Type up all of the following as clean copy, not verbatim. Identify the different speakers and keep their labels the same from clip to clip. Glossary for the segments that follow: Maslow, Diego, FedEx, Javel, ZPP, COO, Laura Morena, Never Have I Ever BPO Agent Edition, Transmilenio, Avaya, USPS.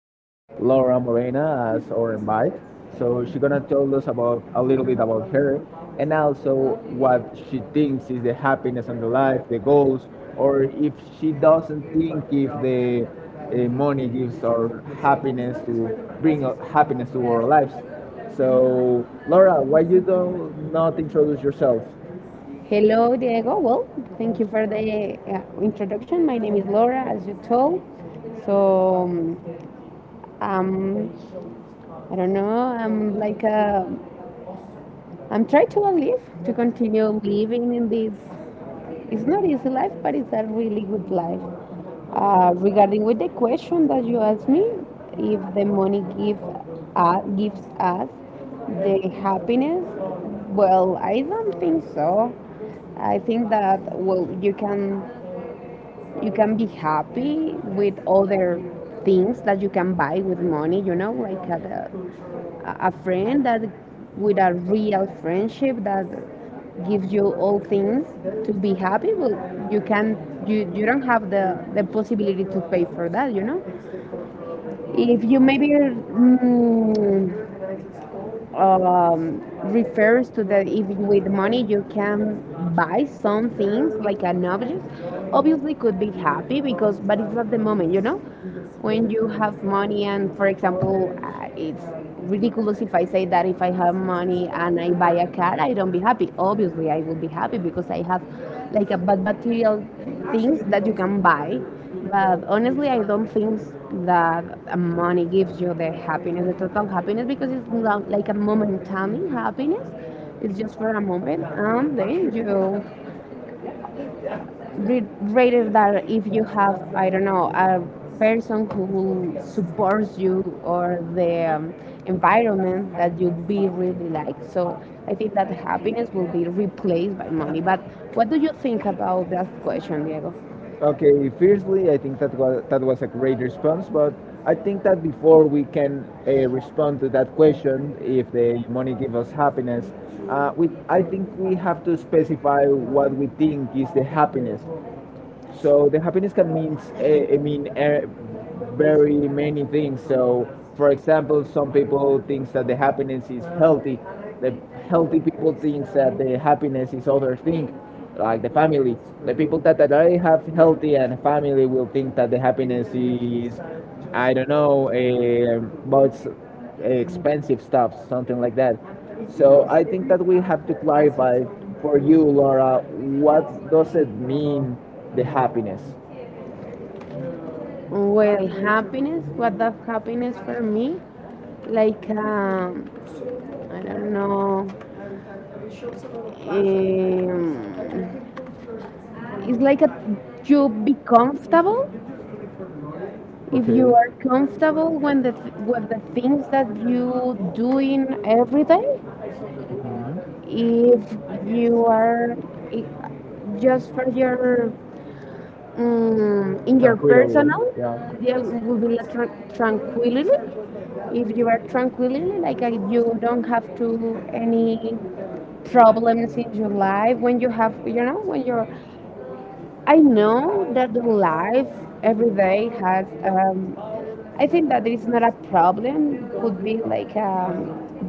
Speaker 1: have Laura Morena as our invite. So she's gonna tell us about a little bit about her, and also what she thinks is the happiness and the life, the goals, or if she doesn't think if the money gives our happiness to bring happiness to our lives. So Laura, why you don't not introduce yourself?
Speaker 2: Hello, Diego. Well, thank you for the introduction. My name is Laura, as you told. So, um, um, I don't know, I'm like a I'm trying to live, to continue living in this. It's not easy life, but it's a really good life. Regarding with the question that you asked me, if the money gives us the happiness, well, I don't think so. I think that, well, you can be happy with other things that you can buy with money, like a friend that with a real friendship that gives you all things to be happy, but you can you don't have the possibility to pay for that. If you maybe um, refers to that, if with money you can buy some things like an object, obviously could be happy, because but it's not the moment. When you have money, and for example it's ridiculous if I say that if I have money and I buy a car I don't be happy. Obviously I will be happy because I have like a bad material, things that you can buy. But honestly, I don't think that money gives you the happiness, the total happiness, because it's not like a momentary happiness. It's just for a moment, and then you rated that if you have, I don't know, a person who supports you or the environment that you be really like. So I think that happiness will be replaced by money. But what do you think about that question, Diego?
Speaker 1: Okay, firstly, I think that was a great response, but I think that before we can respond to that question, if the money gives us happiness, we I think we have to specify what we think is the happiness, so the happiness can means very many things. So for example, some people thinks that the happiness is healthy. The healthy people thinks that the happiness is other thing, like the family. The people that already have healthy and family will think that the happiness is I don't know, about expensive stuff, something like that. So I think that we have to clarify for you, Laura, what does it mean, the happiness?
Speaker 2: Well, happiness, what does happiness for me? Like, I don't know. Um, it's like a, you be comfortable. If you are comfortable when the with the things that you doing in every day,
Speaker 1: Mhm.
Speaker 2: if you are i- just for your, in your
Speaker 1: Tranquility,
Speaker 2: personal, there will be like tranquility. If you are tranquility, like you don't have to any
Speaker 1: yeah.
Speaker 2: problems in your life when you have, you know, when you're. I know that the life every day has I think that there is not a problem. Could be like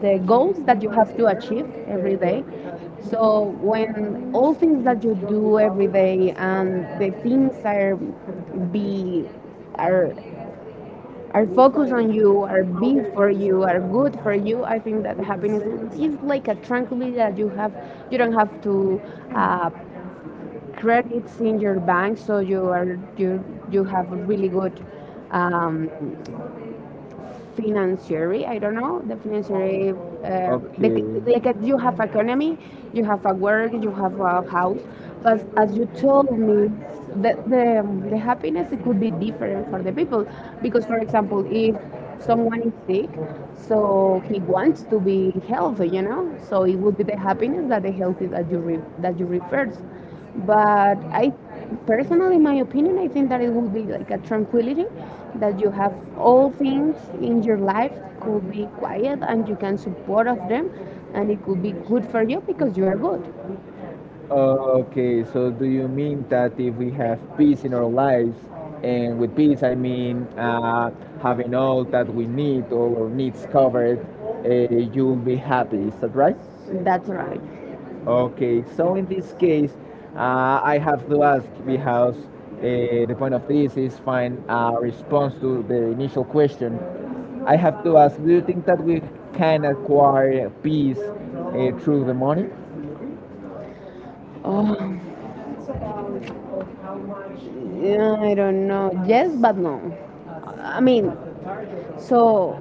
Speaker 2: the goals that you have to achieve every day. So when all things that you do every day and the things are be are are focused on you, are big for you, are good for you. I think that happiness is like a tranquility that you have. You don't have to uh, credits in your bank, so you are you have really good um, financiary, I don't know, the financiary, the, like you have economy, you have a work, you have a house, but as you told me, the happiness it could be different for the people, because, for example, if someone is sick, so he wants to be healthy, you know, so it would be the happiness that the healthy that that you refers, but I personally in my opinion I think that it would be like a tranquility that you have all things in your life could be quiet and you can support of them, and it could be good for you because you are good.
Speaker 1: Are okay, so do you mean that if we have peace in our lives, and with peace I mean having all that we need, all our needs covered, you'll be happy, is that right?
Speaker 2: That's right.
Speaker 1: Okay, so in this case, I have to ask because the point of this is find a response to the initial question. I have to ask, do you think that we can acquire peace through the money?
Speaker 2: Oh, yeah, I don't know, yes but no, I mean, so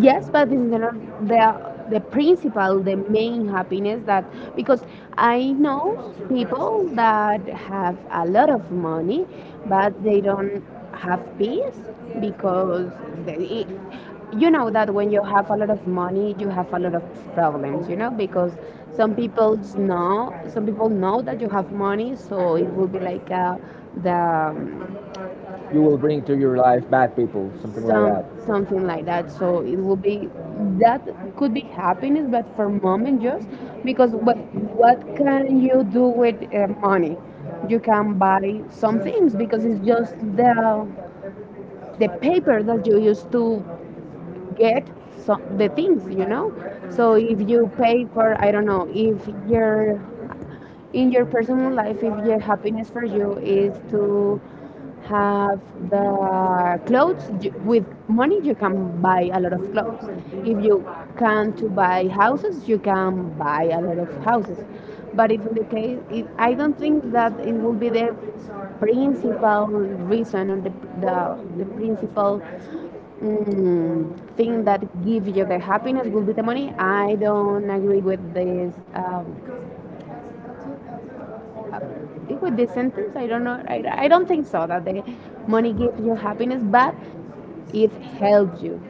Speaker 2: yes, but in general, the principal, the main happiness that, because I know people that have a lot of money, but they don't have peace, because they, you know that when you have a lot of money, you have a lot of problems. You know, because some people know that you have money, so it will be like the
Speaker 1: You will bring to your life bad people, something like
Speaker 2: some,
Speaker 1: that.
Speaker 2: something like that. So it will be that could be happiness but for moment just, because what can you do with money? You can buy some things, because it's just the paper that you used to get some the things, you know. So if you pay for I don't know if your in your personal life, if your happiness for you is to have the clothes, with money you can buy a lot of clothes, if you can to buy houses you can buy a lot of houses, but if in the case it, I don't think that it will be the principal reason, or the principal thing that gives you the happiness will be the money. I don't agree with this with the sentence. I don't know, I don't think so that the money gives you happiness, but it helps you,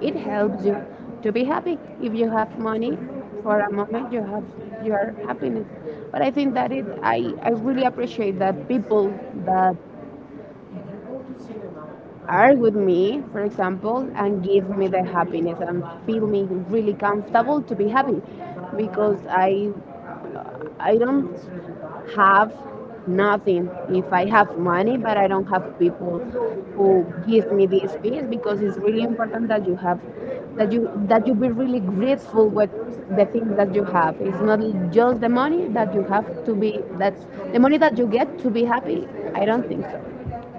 Speaker 2: it helps you to be happy. If you have money, for a moment you have your happiness, but I think that it I really appreciate that people that are with me for example and give me the happiness and feel me really comfortable to be happy, because I don't have nothing. If I have money, but I don't have people who give me this piece, because it's really important that you have, that you be really grateful with the things that you have. It's not just the money that you have to be that, the money that you get to be happy. I don't think so.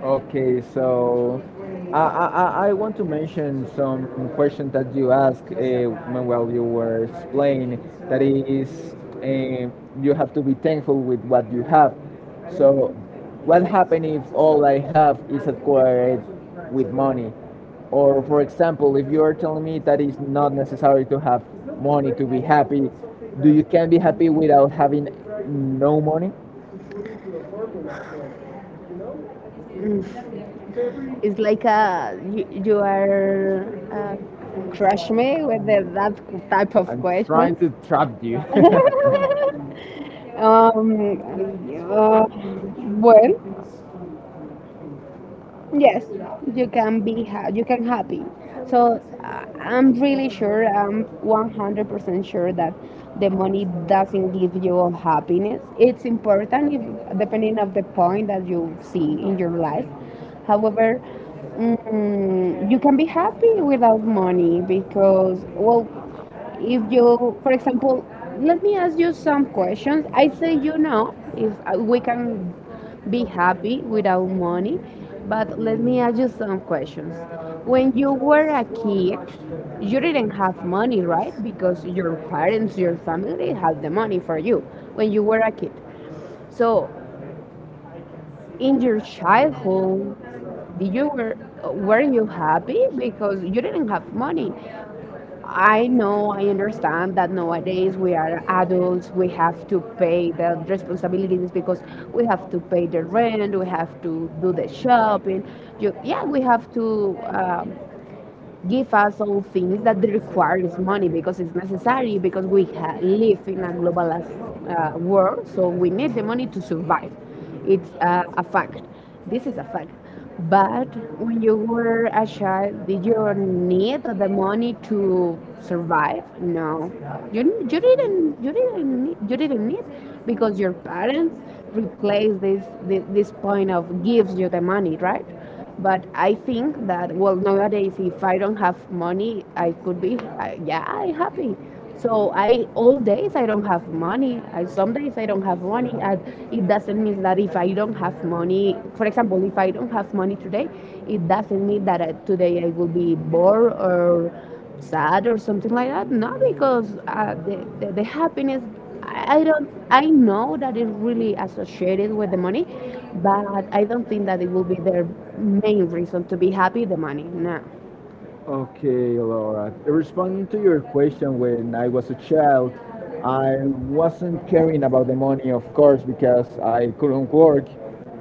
Speaker 1: Okay, so I want to mention some question that you asked when while you were explaining. That is, um you have to be thankful with what you have. So, what happens if all I have is acquired with money? Or, for example, if you are telling me that it's not necessary to have money to be happy, do you can be happy without having no money?
Speaker 2: Mm, it's like a you are, uh, crush me with that type of
Speaker 1: I'm
Speaker 2: question.
Speaker 1: trying to trap you.
Speaker 2: Am, ah, bueno. Yes, you can be you can happy. So I'm really sure, I'm 100% sure that the money doesn't give you all happiness. It's important if, depending of the point that you see in your life. However, you can be happy without money because, well, if you, for example, let me ask you some questions. I say you know if we can be happy without money. But let me ask you some questions. When you were a kid, you didn't have money, right? Because your parents, your family had the money for you when you were a kid. So, in your childhood, did you were you happy because you didn't have money? I know, I understand that nowadays we are adults, we have to pay the responsibilities, because we have to pay the rent, we have to do the shopping. You, yeah, we have to give us all things that requires money, because it's necessary, because we live in a globalized world, so we need the money to survive. It's a fact, this is a fact. But when you were a child did you need the money to survive? No, you, you didn't, you didn't need, because your parents replace this point of gives you the money, right? But I think that, well, nowadays, if I don't have money, I could be yeah, I happy. So I all days I don't have money. I some days I don't have money, and it doesn't mean that if I don't have money, for example, if I don't have money today, it doesn't mean that today I will be bored or sad or something like that. No, because the happiness, I don't, I know that it's really associated with the money, but I don't think that it will be their main reason to be happy, the money. No.
Speaker 1: Okay, Laura. Responding to your question, when I was a child, I wasn't caring about the money, of course, because I couldn't work.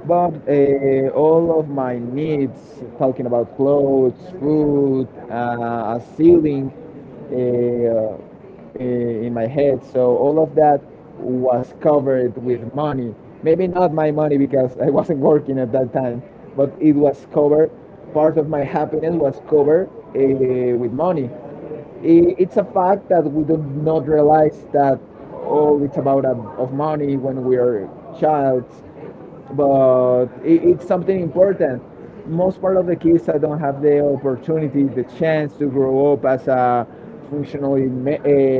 Speaker 1: But all of my needs, talking about clothes, food, a ceiling, uh, in my head. So all of that was covered with money. Maybe not my money because I wasn't working at that time, but it was covered. Part of my happiness was covered with money. I- It's a fact that we do not realize that oh, it's about of money when we are childs but it's something important. Most part of the kids that don't have the opportunity, the chance to grow up as a functionally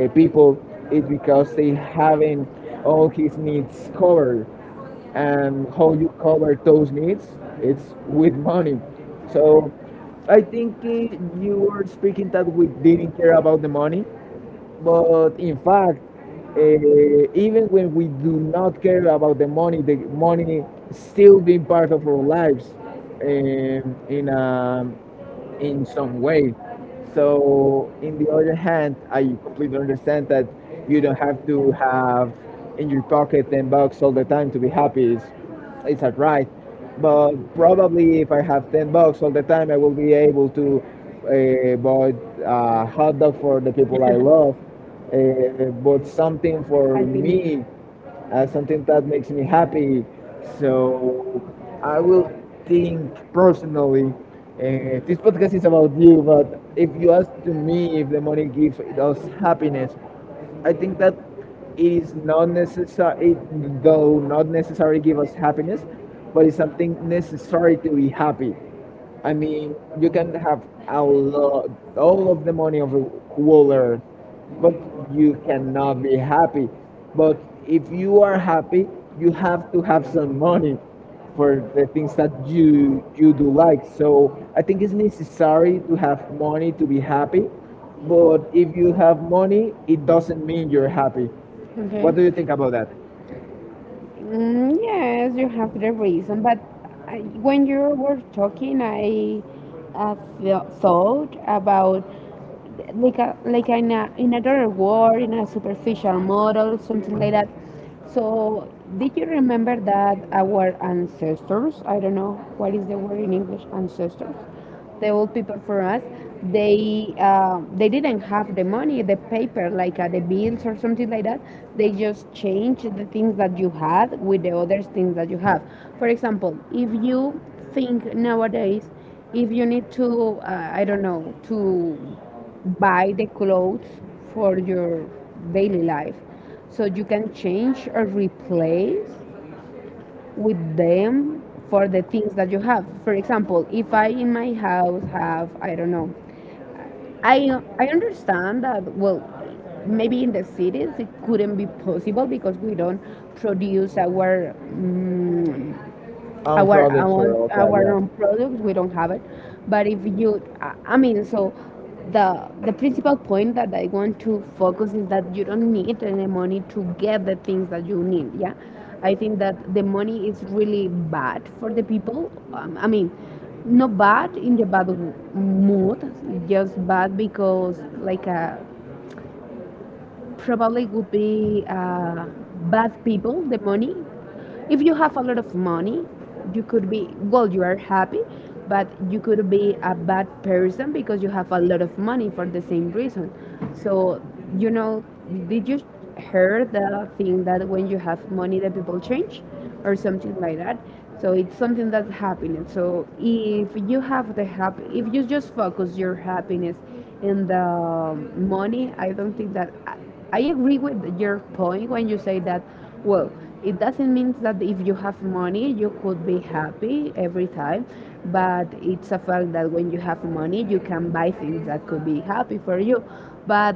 Speaker 1: people, it's because they haven't all his needs covered. And how you cover those needs, it's with money. So I think you were speaking that we didn't care about the money, but in fact, uh, even when we do not care about the money still being part of our lives um, in a in some way. So, in the other hand, I completely understand that you don't have to have in your pocket 10 bucks all the time to be happy. It's not right. But probably if I have 10 bucks all the time, I will be able to buy a hot dog for the people I love, but something for me as something that makes me happy. So I will think personally. This podcast is about you, but if you ask to me if the money gives us happiness, I think that it is not necessary, though not necessarily give us happiness, but it's something necessary to be happy. I mean, you can have a lot, all of the money of the whole earth, but you cannot be happy. But if you are happy, you have to have some money for the things that you do like. So I think it's necessary to have money to be happy. But if you have money, it doesn't mean you're happy. What do you think about
Speaker 2: Okay.
Speaker 1: that?
Speaker 2: Mm, yes, you have the reason, but I, when you were talking, I uh, thought about like a, like in a, in another world, in a superficial model, something like that. So, did you remember that our ancestors? I don't know what is the word in English, ancestors, the old people for us. They they didn't have the money, the paper like the bills or something like that. They just changed the things that you had with the other things that you have. For example, if you think nowadays, if you need to I don't know to buy the clothes for your daily life, so you can change or replace with them for the things that you have. For example, if I in my house have, I don't know, I understand that, well, maybe in the cities it couldn't be possible because we don't produce our Oh,
Speaker 1: Own
Speaker 2: our
Speaker 1: products
Speaker 2: no.
Speaker 1: or
Speaker 2: Own,
Speaker 1: all that,
Speaker 2: our
Speaker 1: yeah.
Speaker 2: own products we don't have it, but if you I mean, so the the principal point that I want to focus is that you don't need any money to get the things that you need, yeah. I think that the money is really bad for the people, I mean not bad in the bad mood, just bad because like a probably would be bad people, the money. If you have a lot of money, you could be, well, you are happy, but you could be a bad person because you have a lot of money for the same reason. So, you know, did you hear the thing that when you have money, the people change or something like that? So it's something that's happening. So if you have the happy, if you just focus your happiness and the money I don't think that I agree with your point when you say that well, it doesn't mean that if you have money you could be happy every time, but it's a fact that when you have money you can buy things that could be happy for you. But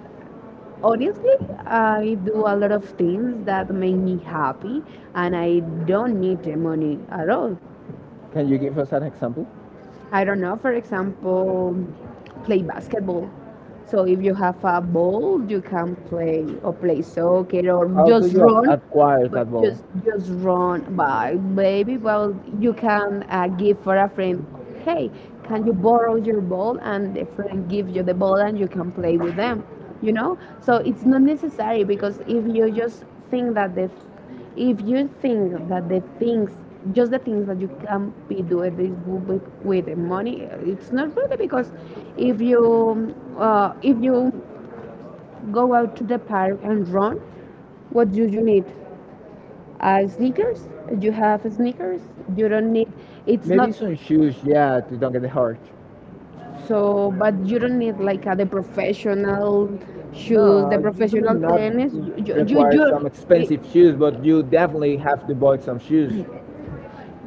Speaker 2: honestly, I do a lot of things that make me happy, and I don't need the money at all.
Speaker 1: Can you give us an example?
Speaker 2: I don't know, for example, play basketball. So if you have a ball, you can play or play soccer or just run,
Speaker 1: Acquire
Speaker 2: but
Speaker 1: that.
Speaker 2: just run. But maybe well, you can give for a friend. Hey, can you borrow your ball? And the friend gives you the ball, and you can play with them. You know, so it's not necessary because if you just think that the if you think that the things just the things that you can be doing this with the money it's not really because if you go out to the park and run, what do you need? Uh, sneakers. You have sneakers. You don't need. It's
Speaker 1: Maybe
Speaker 2: not.
Speaker 1: some shoes, yeah, to don't get hurt.
Speaker 2: So but you don't need like the professional shoes,
Speaker 1: No,
Speaker 2: the
Speaker 1: you do
Speaker 2: professional
Speaker 1: not
Speaker 2: tennis,
Speaker 1: require
Speaker 2: you,
Speaker 1: some expensive shoes, but you definitely have to buy some shoes.
Speaker 2: you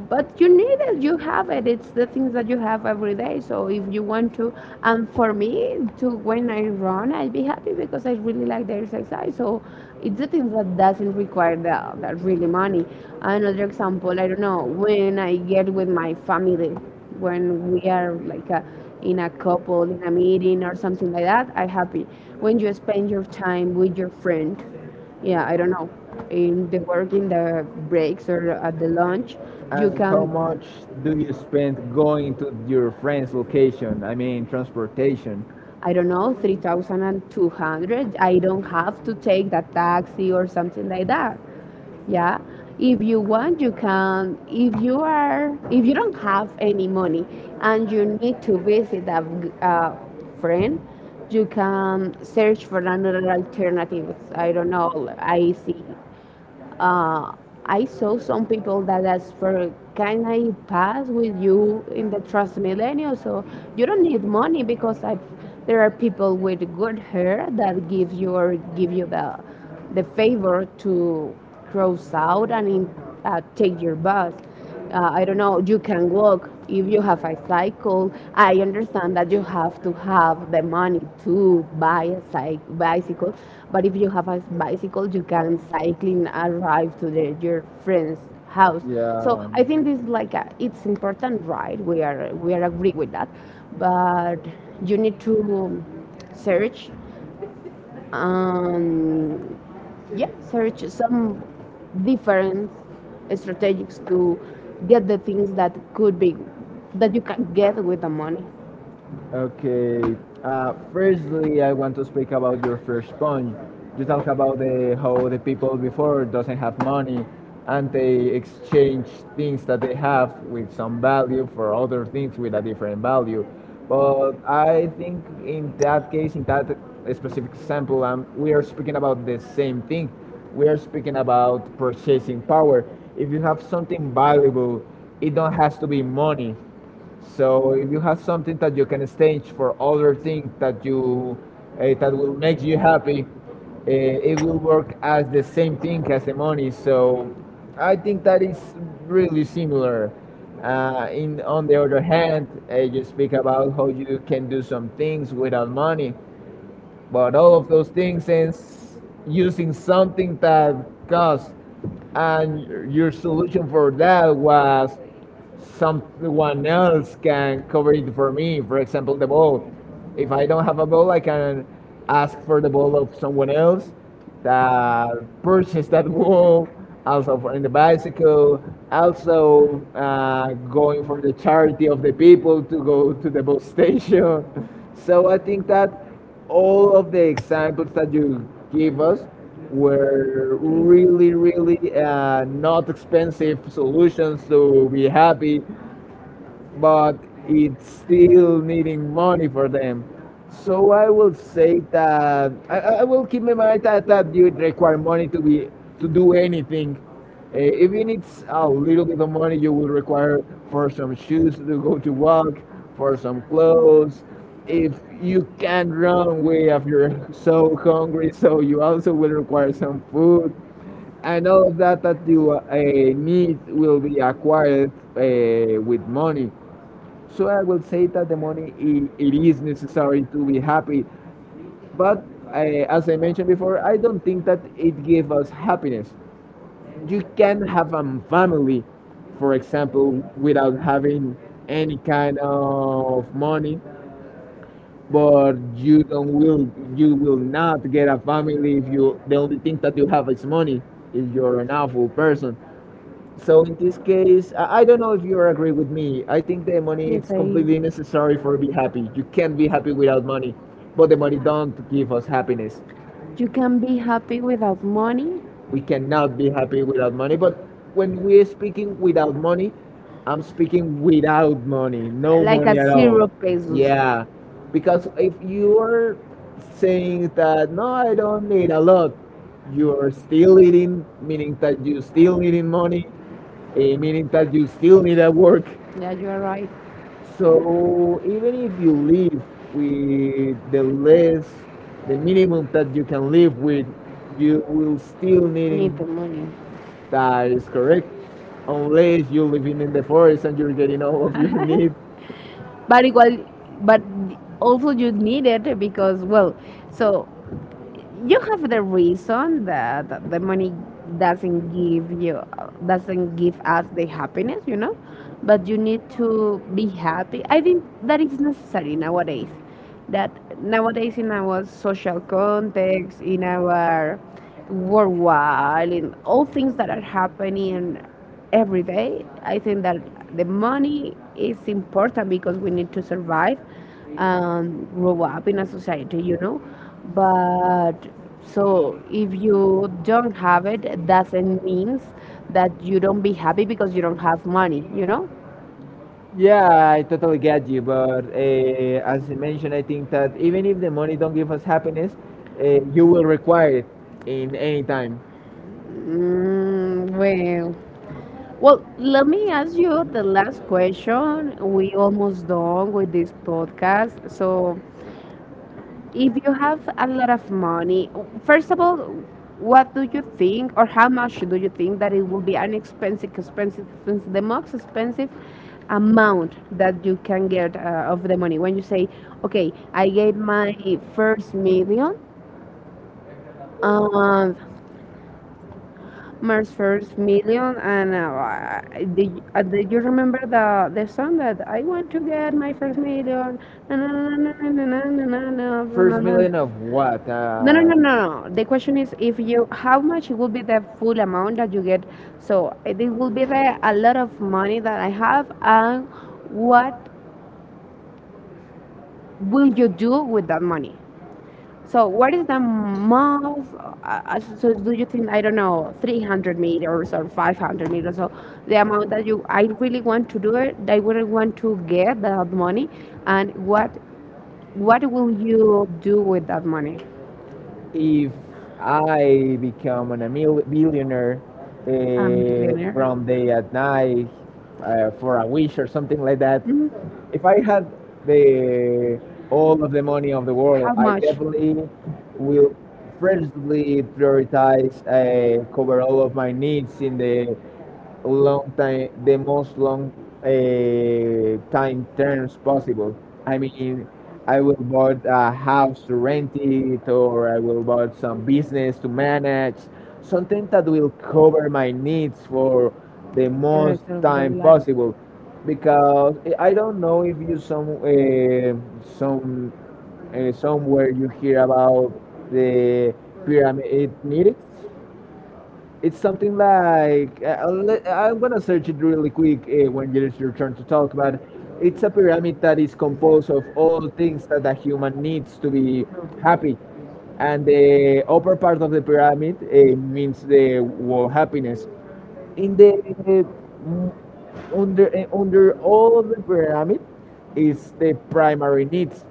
Speaker 2: but you need it, you have it, it's the things that you have every day. So if you want to, and for me to, when I run I'd be happy because I really like the exercise. So it's the things that doesn't require the really money. Another example, I don't know, when I get with my family, when we are like a, in a couple in a meeting or something like that, I am happy. When you spend your time with your friend, yeah, I don't know, in the work, in the breaks or at the lunch, you
Speaker 1: And how
Speaker 2: can.
Speaker 1: much do you spend going to your friend's location? I mean, transportation.
Speaker 2: I don't know, 3,200. I don't have to take the taxi or something like that. Yeah. If you want, you can. If you are, if you don't have any money and you need to visit a friend, you can search for another alternative. I don't know, I see uh, I saw some people that asked for, can I pass with you in the Transmilenio? So you don't need money because I there are people with good hair that give you or give you the favor to cross out and in, take your bus. I don't know, you can walk if you have a cycle. I understand that you have to have the money to buy a bicycle, but if you have a bicycle, you can cycling arrive to your friend's house. So
Speaker 1: Yeah.
Speaker 2: I think this like a, it's important, right? We are agree with that, but you need to search and yeah, search some different strategies to get the things that could be that you can get with the money.
Speaker 1: Okay. Firstly, I want to speak about your first point. You talk about the, how the people before doesn't have money, and they exchange things that they have with some value for other things with a different value. But I think in that case, in that specific example, we are speaking about the same thing. We are speaking about purchasing power. If you have something valuable, it don't has to be money so if you have something that you can stage for other things that you that will make you happy, uh, it will work as the same thing as the money. So I think that is really similar. In on the other hand, you speak about how you can do some things without money but all of those things ends using something that costs and your solution for that was someone else can cover it for me for example the ball if I don't have a ball I can ask for the ball of someone else that purchase that wall, also for in the bicycle, also going for the charity of the people to go to the bus station. So I think that all of the examples that you give us were really, really not expensive solutions to be happy but it's still needing money for them. So I will say that I will keep in mind that you require money to be to do anything. Even it's a little bit of money you will require for some shoes to go to walk, for some clothes. If you can't run away if you're so hungry, so you also will require some food. And all of that that you need will be acquired with money. So I will say that the money it is necessary to be happy, but I, as I mentioned before, I don't think that it gives us happiness. You can have a family, for example, without having any kind of money, but you don't will you will not get a family if you the only thing that you have is money if you're an awful person. So in this case, I don't know if you agree with me. I think the money
Speaker 2: Yes,
Speaker 1: is completely
Speaker 2: I.
Speaker 1: necessary for be happy. You can't be happy without money, but the money don't give us happiness.
Speaker 2: You can be happy without money,
Speaker 1: We cannot be happy without money. But when we're speaking without money, I'm speaking without money, no
Speaker 2: like
Speaker 1: money
Speaker 2: at
Speaker 1: at all.
Speaker 2: zero pesos.
Speaker 1: Yeah, because if you are saying that no, I don't need a lot, you're still eating, meaning that you still needing money, meaning that you still need a work.
Speaker 2: Yeah, you are right. So
Speaker 1: So even if you live with the less, the minimum that you can live with, you will still
Speaker 2: need
Speaker 1: needing
Speaker 2: the money
Speaker 1: that is correct, unless you're living in the forest and you're getting all of your needs.
Speaker 2: but igual, but also you need it because well, so you have the reason that the money doesn't give you doesn't give us the happiness, you know. But you need to be happy. I think that is necessary nowadays, that nowadays in our social context, in our worldwide, in all things that are happening every day, I think that the money is important because we need to survive and grow up in a society, you know. But so if you don't have it, it doesn't means that you don't be happy because you don't have money, you know.
Speaker 1: Yeah, I totally get you, but as you mentioned, I think that even if the money don't give us happiness, you will require it in any time.
Speaker 2: Mm, well, well, let me ask you the last question. We almost done with this podcast, so if you have a lot of money, first of all, what do you think, or how much do you think that it will be an expensive the most expensive amount that you can get of the money? When you say, okay, I get first million, um, my first million, and do you remember the song that I want to get my first million? Na, na, na, na, na, na, na, na, na, first na,
Speaker 1: First
Speaker 2: na, million.
Speaker 1: million of what?
Speaker 2: No, no, no, no. no. The question is if you, how much will be the full amount that you get? So this will be a lot of money that I have, and what will you do with that money? So what is the most? So do you think, I don't know, 300 meters or 500 meters? So the amount that you, I really want to do it. I really want to get that money, and what will you do with that money?
Speaker 1: If I become a billionaire from day at night for a wish or something like that,
Speaker 2: Mhm.
Speaker 1: if I had the all of the money of the world,
Speaker 2: How.
Speaker 1: I definitely will firstly prioritize cover all of my needs in the long time, the most long time terms possible. I mean, I will buy a house to rent it, or I will buy some business to manage, something that will cover my needs for the most time possible. Because I don't know if you some some somewhere you hear about the pyramid meetings. It's something like I'll I'm gonna search it really quick when it's your turn to talk. But it's a pyramid that is composed of all the things that a human needs to be happy, and the upper part of the pyramid means the world happiness. In the uh, under under all the pyramid is the primary needs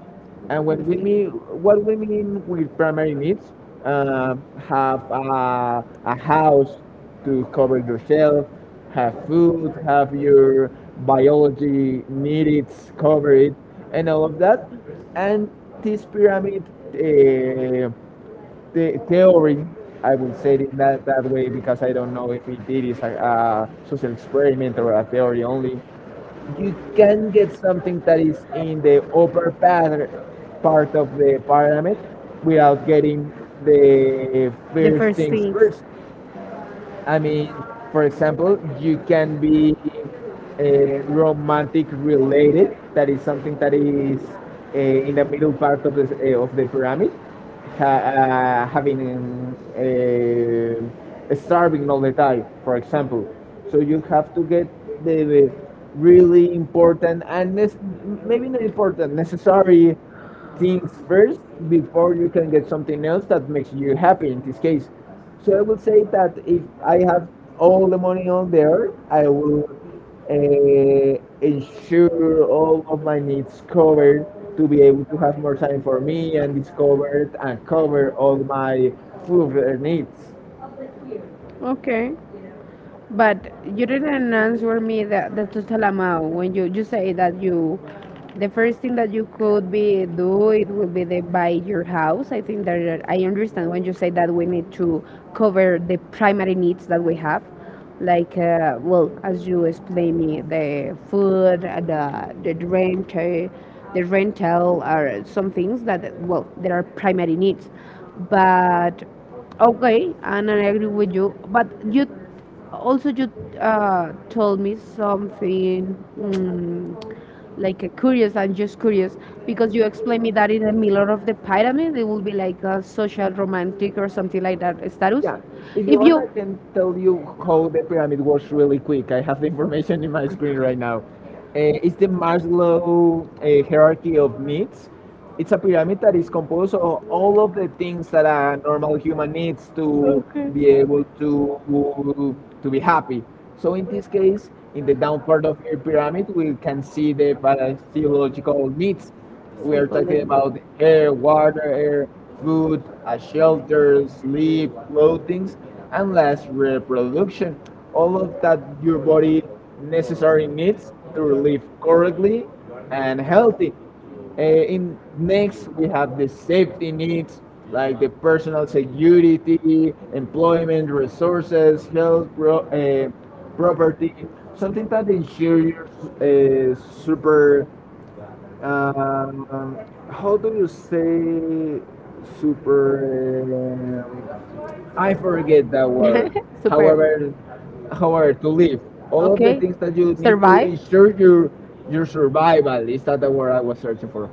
Speaker 1: and when we mean what we mean with primary needs, have a house to cover yourself, have food, have your biology needs covered and all of that. And this pyramid, uh, the theory, I would say it that, that way because I don't know if it is a social experiment or a theory only. You can get something that is in the upper part, part of the pyramid without getting the first things first. I mean, for example, you can be uh, romantic related. That is something that is in the middle part of the pyramid, ha- having starving all the time, for example. So you have to get the really important and maybe not important, necessary things first before you can get something else that makes you happy in this case. So I will say that if I have all the money on the earth, I will ensure all of my needs covered to be able to have more time for me and discover and cover all my further needs.
Speaker 2: Okay. But you didn't answer me the total amount when you say that you the first thing that you could be do it will be the buy your house. I think that I understand when you say that we need to cover the primary needs that we have, like well as you explain me the food, the rent, the rental are some things that well there are primary needs, but. Okay, and I agree with you. But you also you told me something mm, like a curious. I'm just curious because you explained me that in the middle of the pyramid it will be like a social romantic or something like that
Speaker 1: Sorry?
Speaker 2: status.
Speaker 1: Yeah. If you
Speaker 2: If
Speaker 1: want,
Speaker 2: you
Speaker 1: I can tell you how the pyramid works really quick. I have the information in my screen right now. It's the Maslow hierarchy of needs. It's a pyramid that is composed of all of the things that a normal human needs to
Speaker 2: okay.
Speaker 1: be able to be happy. So in this case, in the down part of your pyramid, we can see the physiological needs. We are talking about air, water, air, food, a shelter, sleep, clothing, and last reproduction. All of that your body necessary needs to live correctly and healthy. In next, we have the safety needs like the personal security, employment, resources, health, property, something that ensures super um, how do you say super? um, I forget that word. However, however, to live, all of the things that you need to ensure your survival is that the word I was searching for.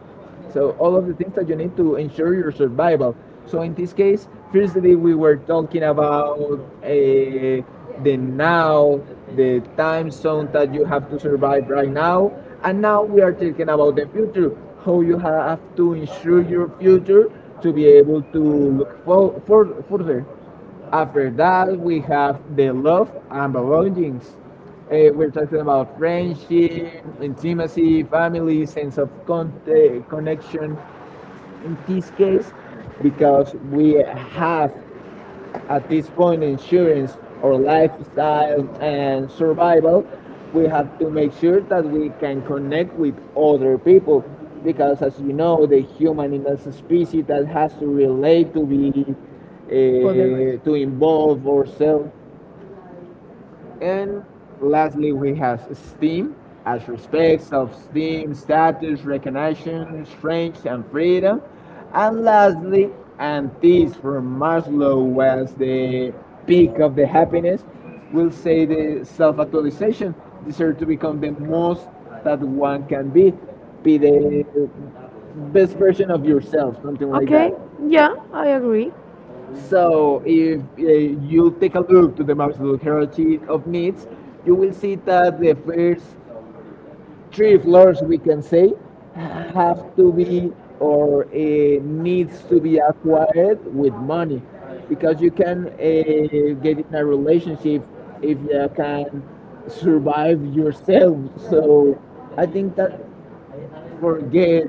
Speaker 1: So all of the things that you need to ensure your survival. So in this case, firstly, we were talking about the now, the time zone that you have to survive right now, and now we are talking about the future, how you have to ensure your future to be able to look for further. After that, we have the love and belongings. We're talking about friendship, intimacy, family, sense of connection in this case, because we have at this point, insurance or lifestyle and survival, we have to make sure that we can connect with other people because, as you know, the human is a species that has to relate to be
Speaker 2: Other.
Speaker 1: to involve ourselves. And lastly, we have esteem, as respects of esteem, status, recognition, strength, and freedom. And lastly, and this from Maslow was the peak of the happiness, we'll say the self-actualization deserve to become the most that one can be the best version of yourself, something like that.
Speaker 2: Yeah, I agree.
Speaker 1: So if you take a look to the Maslow hierarchy of needs, you will see that the first three floors, we can say, have to be or needs to be acquired with money, because you can get in a relationship if you can survive yourself. So I think that forget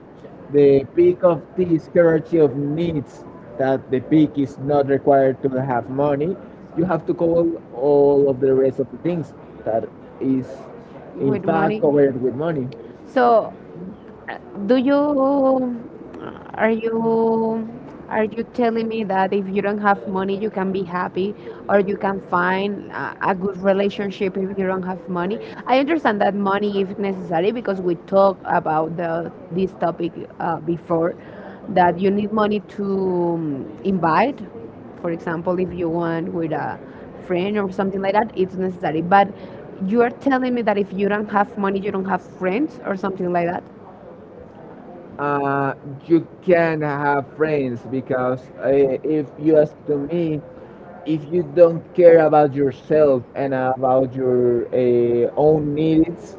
Speaker 1: the peak of this hierarchy of needs that the peak is not required to have money. You have to cover all of the rest of the things
Speaker 2: Good
Speaker 1: that is in fact
Speaker 2: morning.
Speaker 1: covered with money.
Speaker 2: So uh, do you, are you, are you telling me that if you don't have money you can be happy or you can find a good relationship if you don't have money? I understand that money is necessary because we talked about the this topic before that you need money to invite. For example, if you want with a friend or something like that, it's necessary. But you are telling me that if you don't have money, you don't have friends or something like that?
Speaker 1: Uh, you can have friends because if you ask to me, if you don't care about yourself and about your own needs,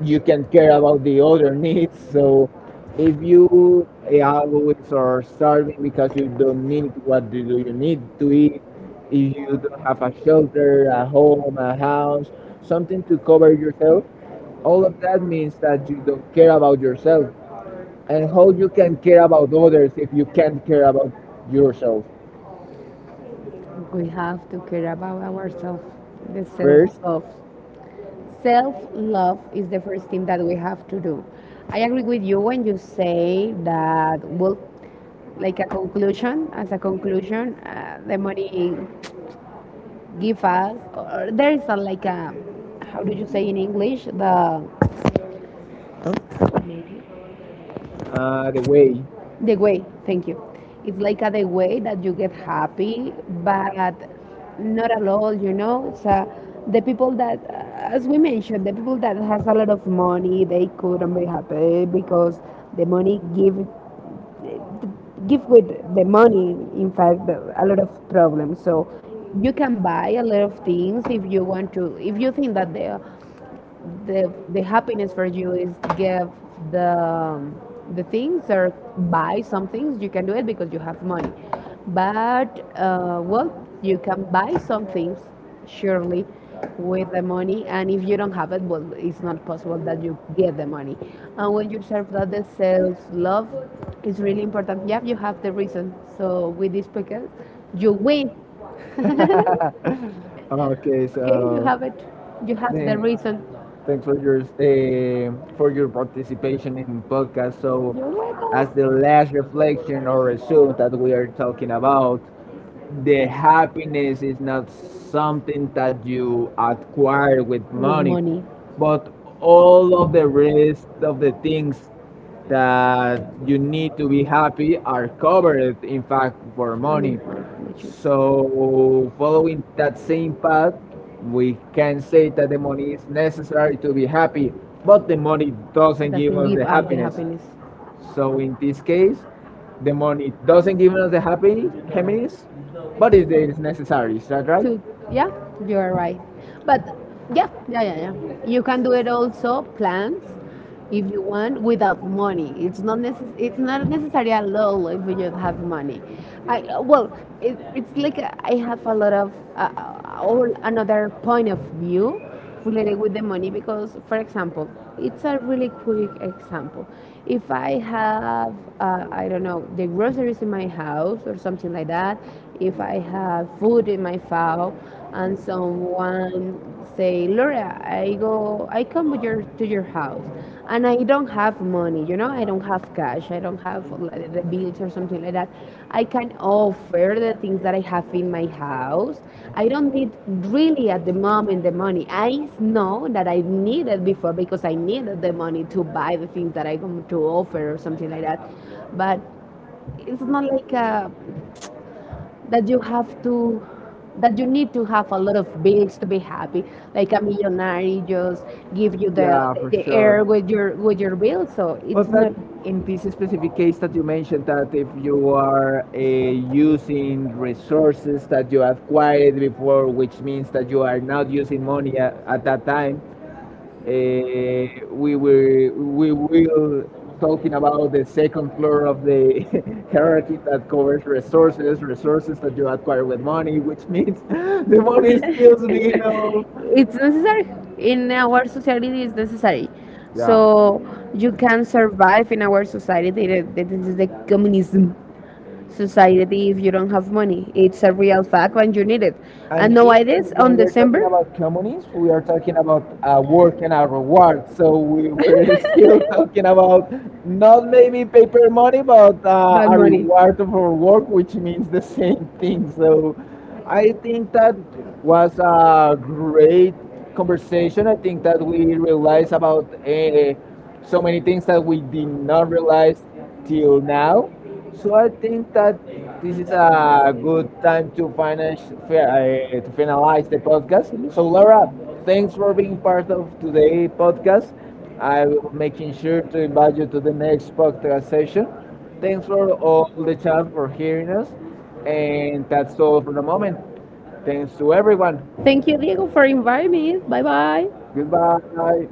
Speaker 1: you can care about the other needs. So if you always are starving because you don't need what do you need to eat, if you don't have a shelter, a home, a house, something to cover yourself, all of that means that you don't care about yourself. And how you can care about others if you can't care about yourself
Speaker 2: We have to care about ourselves. The self
Speaker 1: first?
Speaker 2: love. Self love is the first thing that we have to do. I agree with you when you say that, well, as a conclusion, the money give us, or there is a, like a, how do you say in English, the.
Speaker 1: Huh? The way.
Speaker 2: The way, thank you. It's like a the way that you get happy, but not at all, you know. So the people that, as we mentioned, the people that has a lot of money, they couldn't be happy because the money give with the money, in fact, a lot of problems. So you can buy a lot of things if you want to. If you think that the happiness for you is give the um, the things or buy some things you can do it because you have money, but well, you can buy some things surely with the money, and if you don't have it, well it's not possible that you get the money. And when you serve that the self love is really important, yeah, you have the reason. So with this podcast you win.
Speaker 1: Okay,
Speaker 2: Okay, you
Speaker 1: so
Speaker 2: have it, you have the
Speaker 1: thank-
Speaker 2: reason
Speaker 1: thanks for your participation in podcast. So, as the last reflection or resume that we are talking about, the happiness is not something that you acquire with money, but all of the rest of the things that you need to be happy are covered, in fact, for money. So, following that same path, we can say that the money is necessary to be happy, but the money doesn't give us the happiness. So in this case, the money doesn't give us the happy happiness, but it is necessary. Is that right?
Speaker 2: to. Yeah, you are right, but yeah, yeah, yeah, yeah, you can do it also plans if you want without money. It's not necessarily a law if you don't have money. I, well, it, it's like I have a lot of all another point of view related with the money because, for example, it's a really quick example. If I have, I don't know, the groceries in my house or something like that, if I have food in my file, and someone say, Laura, I go, I come to to your house, and I don't have money. You know, I don't have cash. I don't have like, the bills or something like that. I can offer the things that I have in my house. I don't need really at the moment the money. I know that I needed before because I needed the money to buy the things that I come to offer or something like that. But it's not like a that you have to that you need to have a lot of bills to be happy, like a millionaire just give you
Speaker 1: Yeah, for
Speaker 2: the air
Speaker 1: sure.
Speaker 2: with your bills, so it's
Speaker 1: But that
Speaker 2: not.
Speaker 1: in this specific case that you mentioned, that if you are using resources that you acquired before, which means that you are not using money at that time. Uh, we will talking about the second floor of the hierarchy that covers resources, resources that you acquire with money, which means the money is still being of.
Speaker 2: It's necessary in our society, it's necessary, so you can survive in our society, that this is the communism society if you don't have money. It's a real fact when you need it. And
Speaker 1: And
Speaker 2: no
Speaker 1: even
Speaker 2: ideas
Speaker 1: when
Speaker 2: on
Speaker 1: we're talking
Speaker 2: December.
Speaker 1: about communists, we are talking about work and a reward. So we're still talking about not maybe paper money, but
Speaker 2: Bad
Speaker 1: a
Speaker 2: money.
Speaker 1: reward of our work, which means the same thing. So I think that was a great conversation. I think that we realized about so many things that we did not realize till now. So I think that this is a good time to finish to finalize the podcast. So Laura, thanks for being part of today's podcast. I will making sure to invite you to the next podcast session. Thanks for all the chat for hearing us, and that's all for the moment. Thanks to everyone.
Speaker 2: Thank you, Diego, for inviting me. Bye bye.
Speaker 1: Goodbye.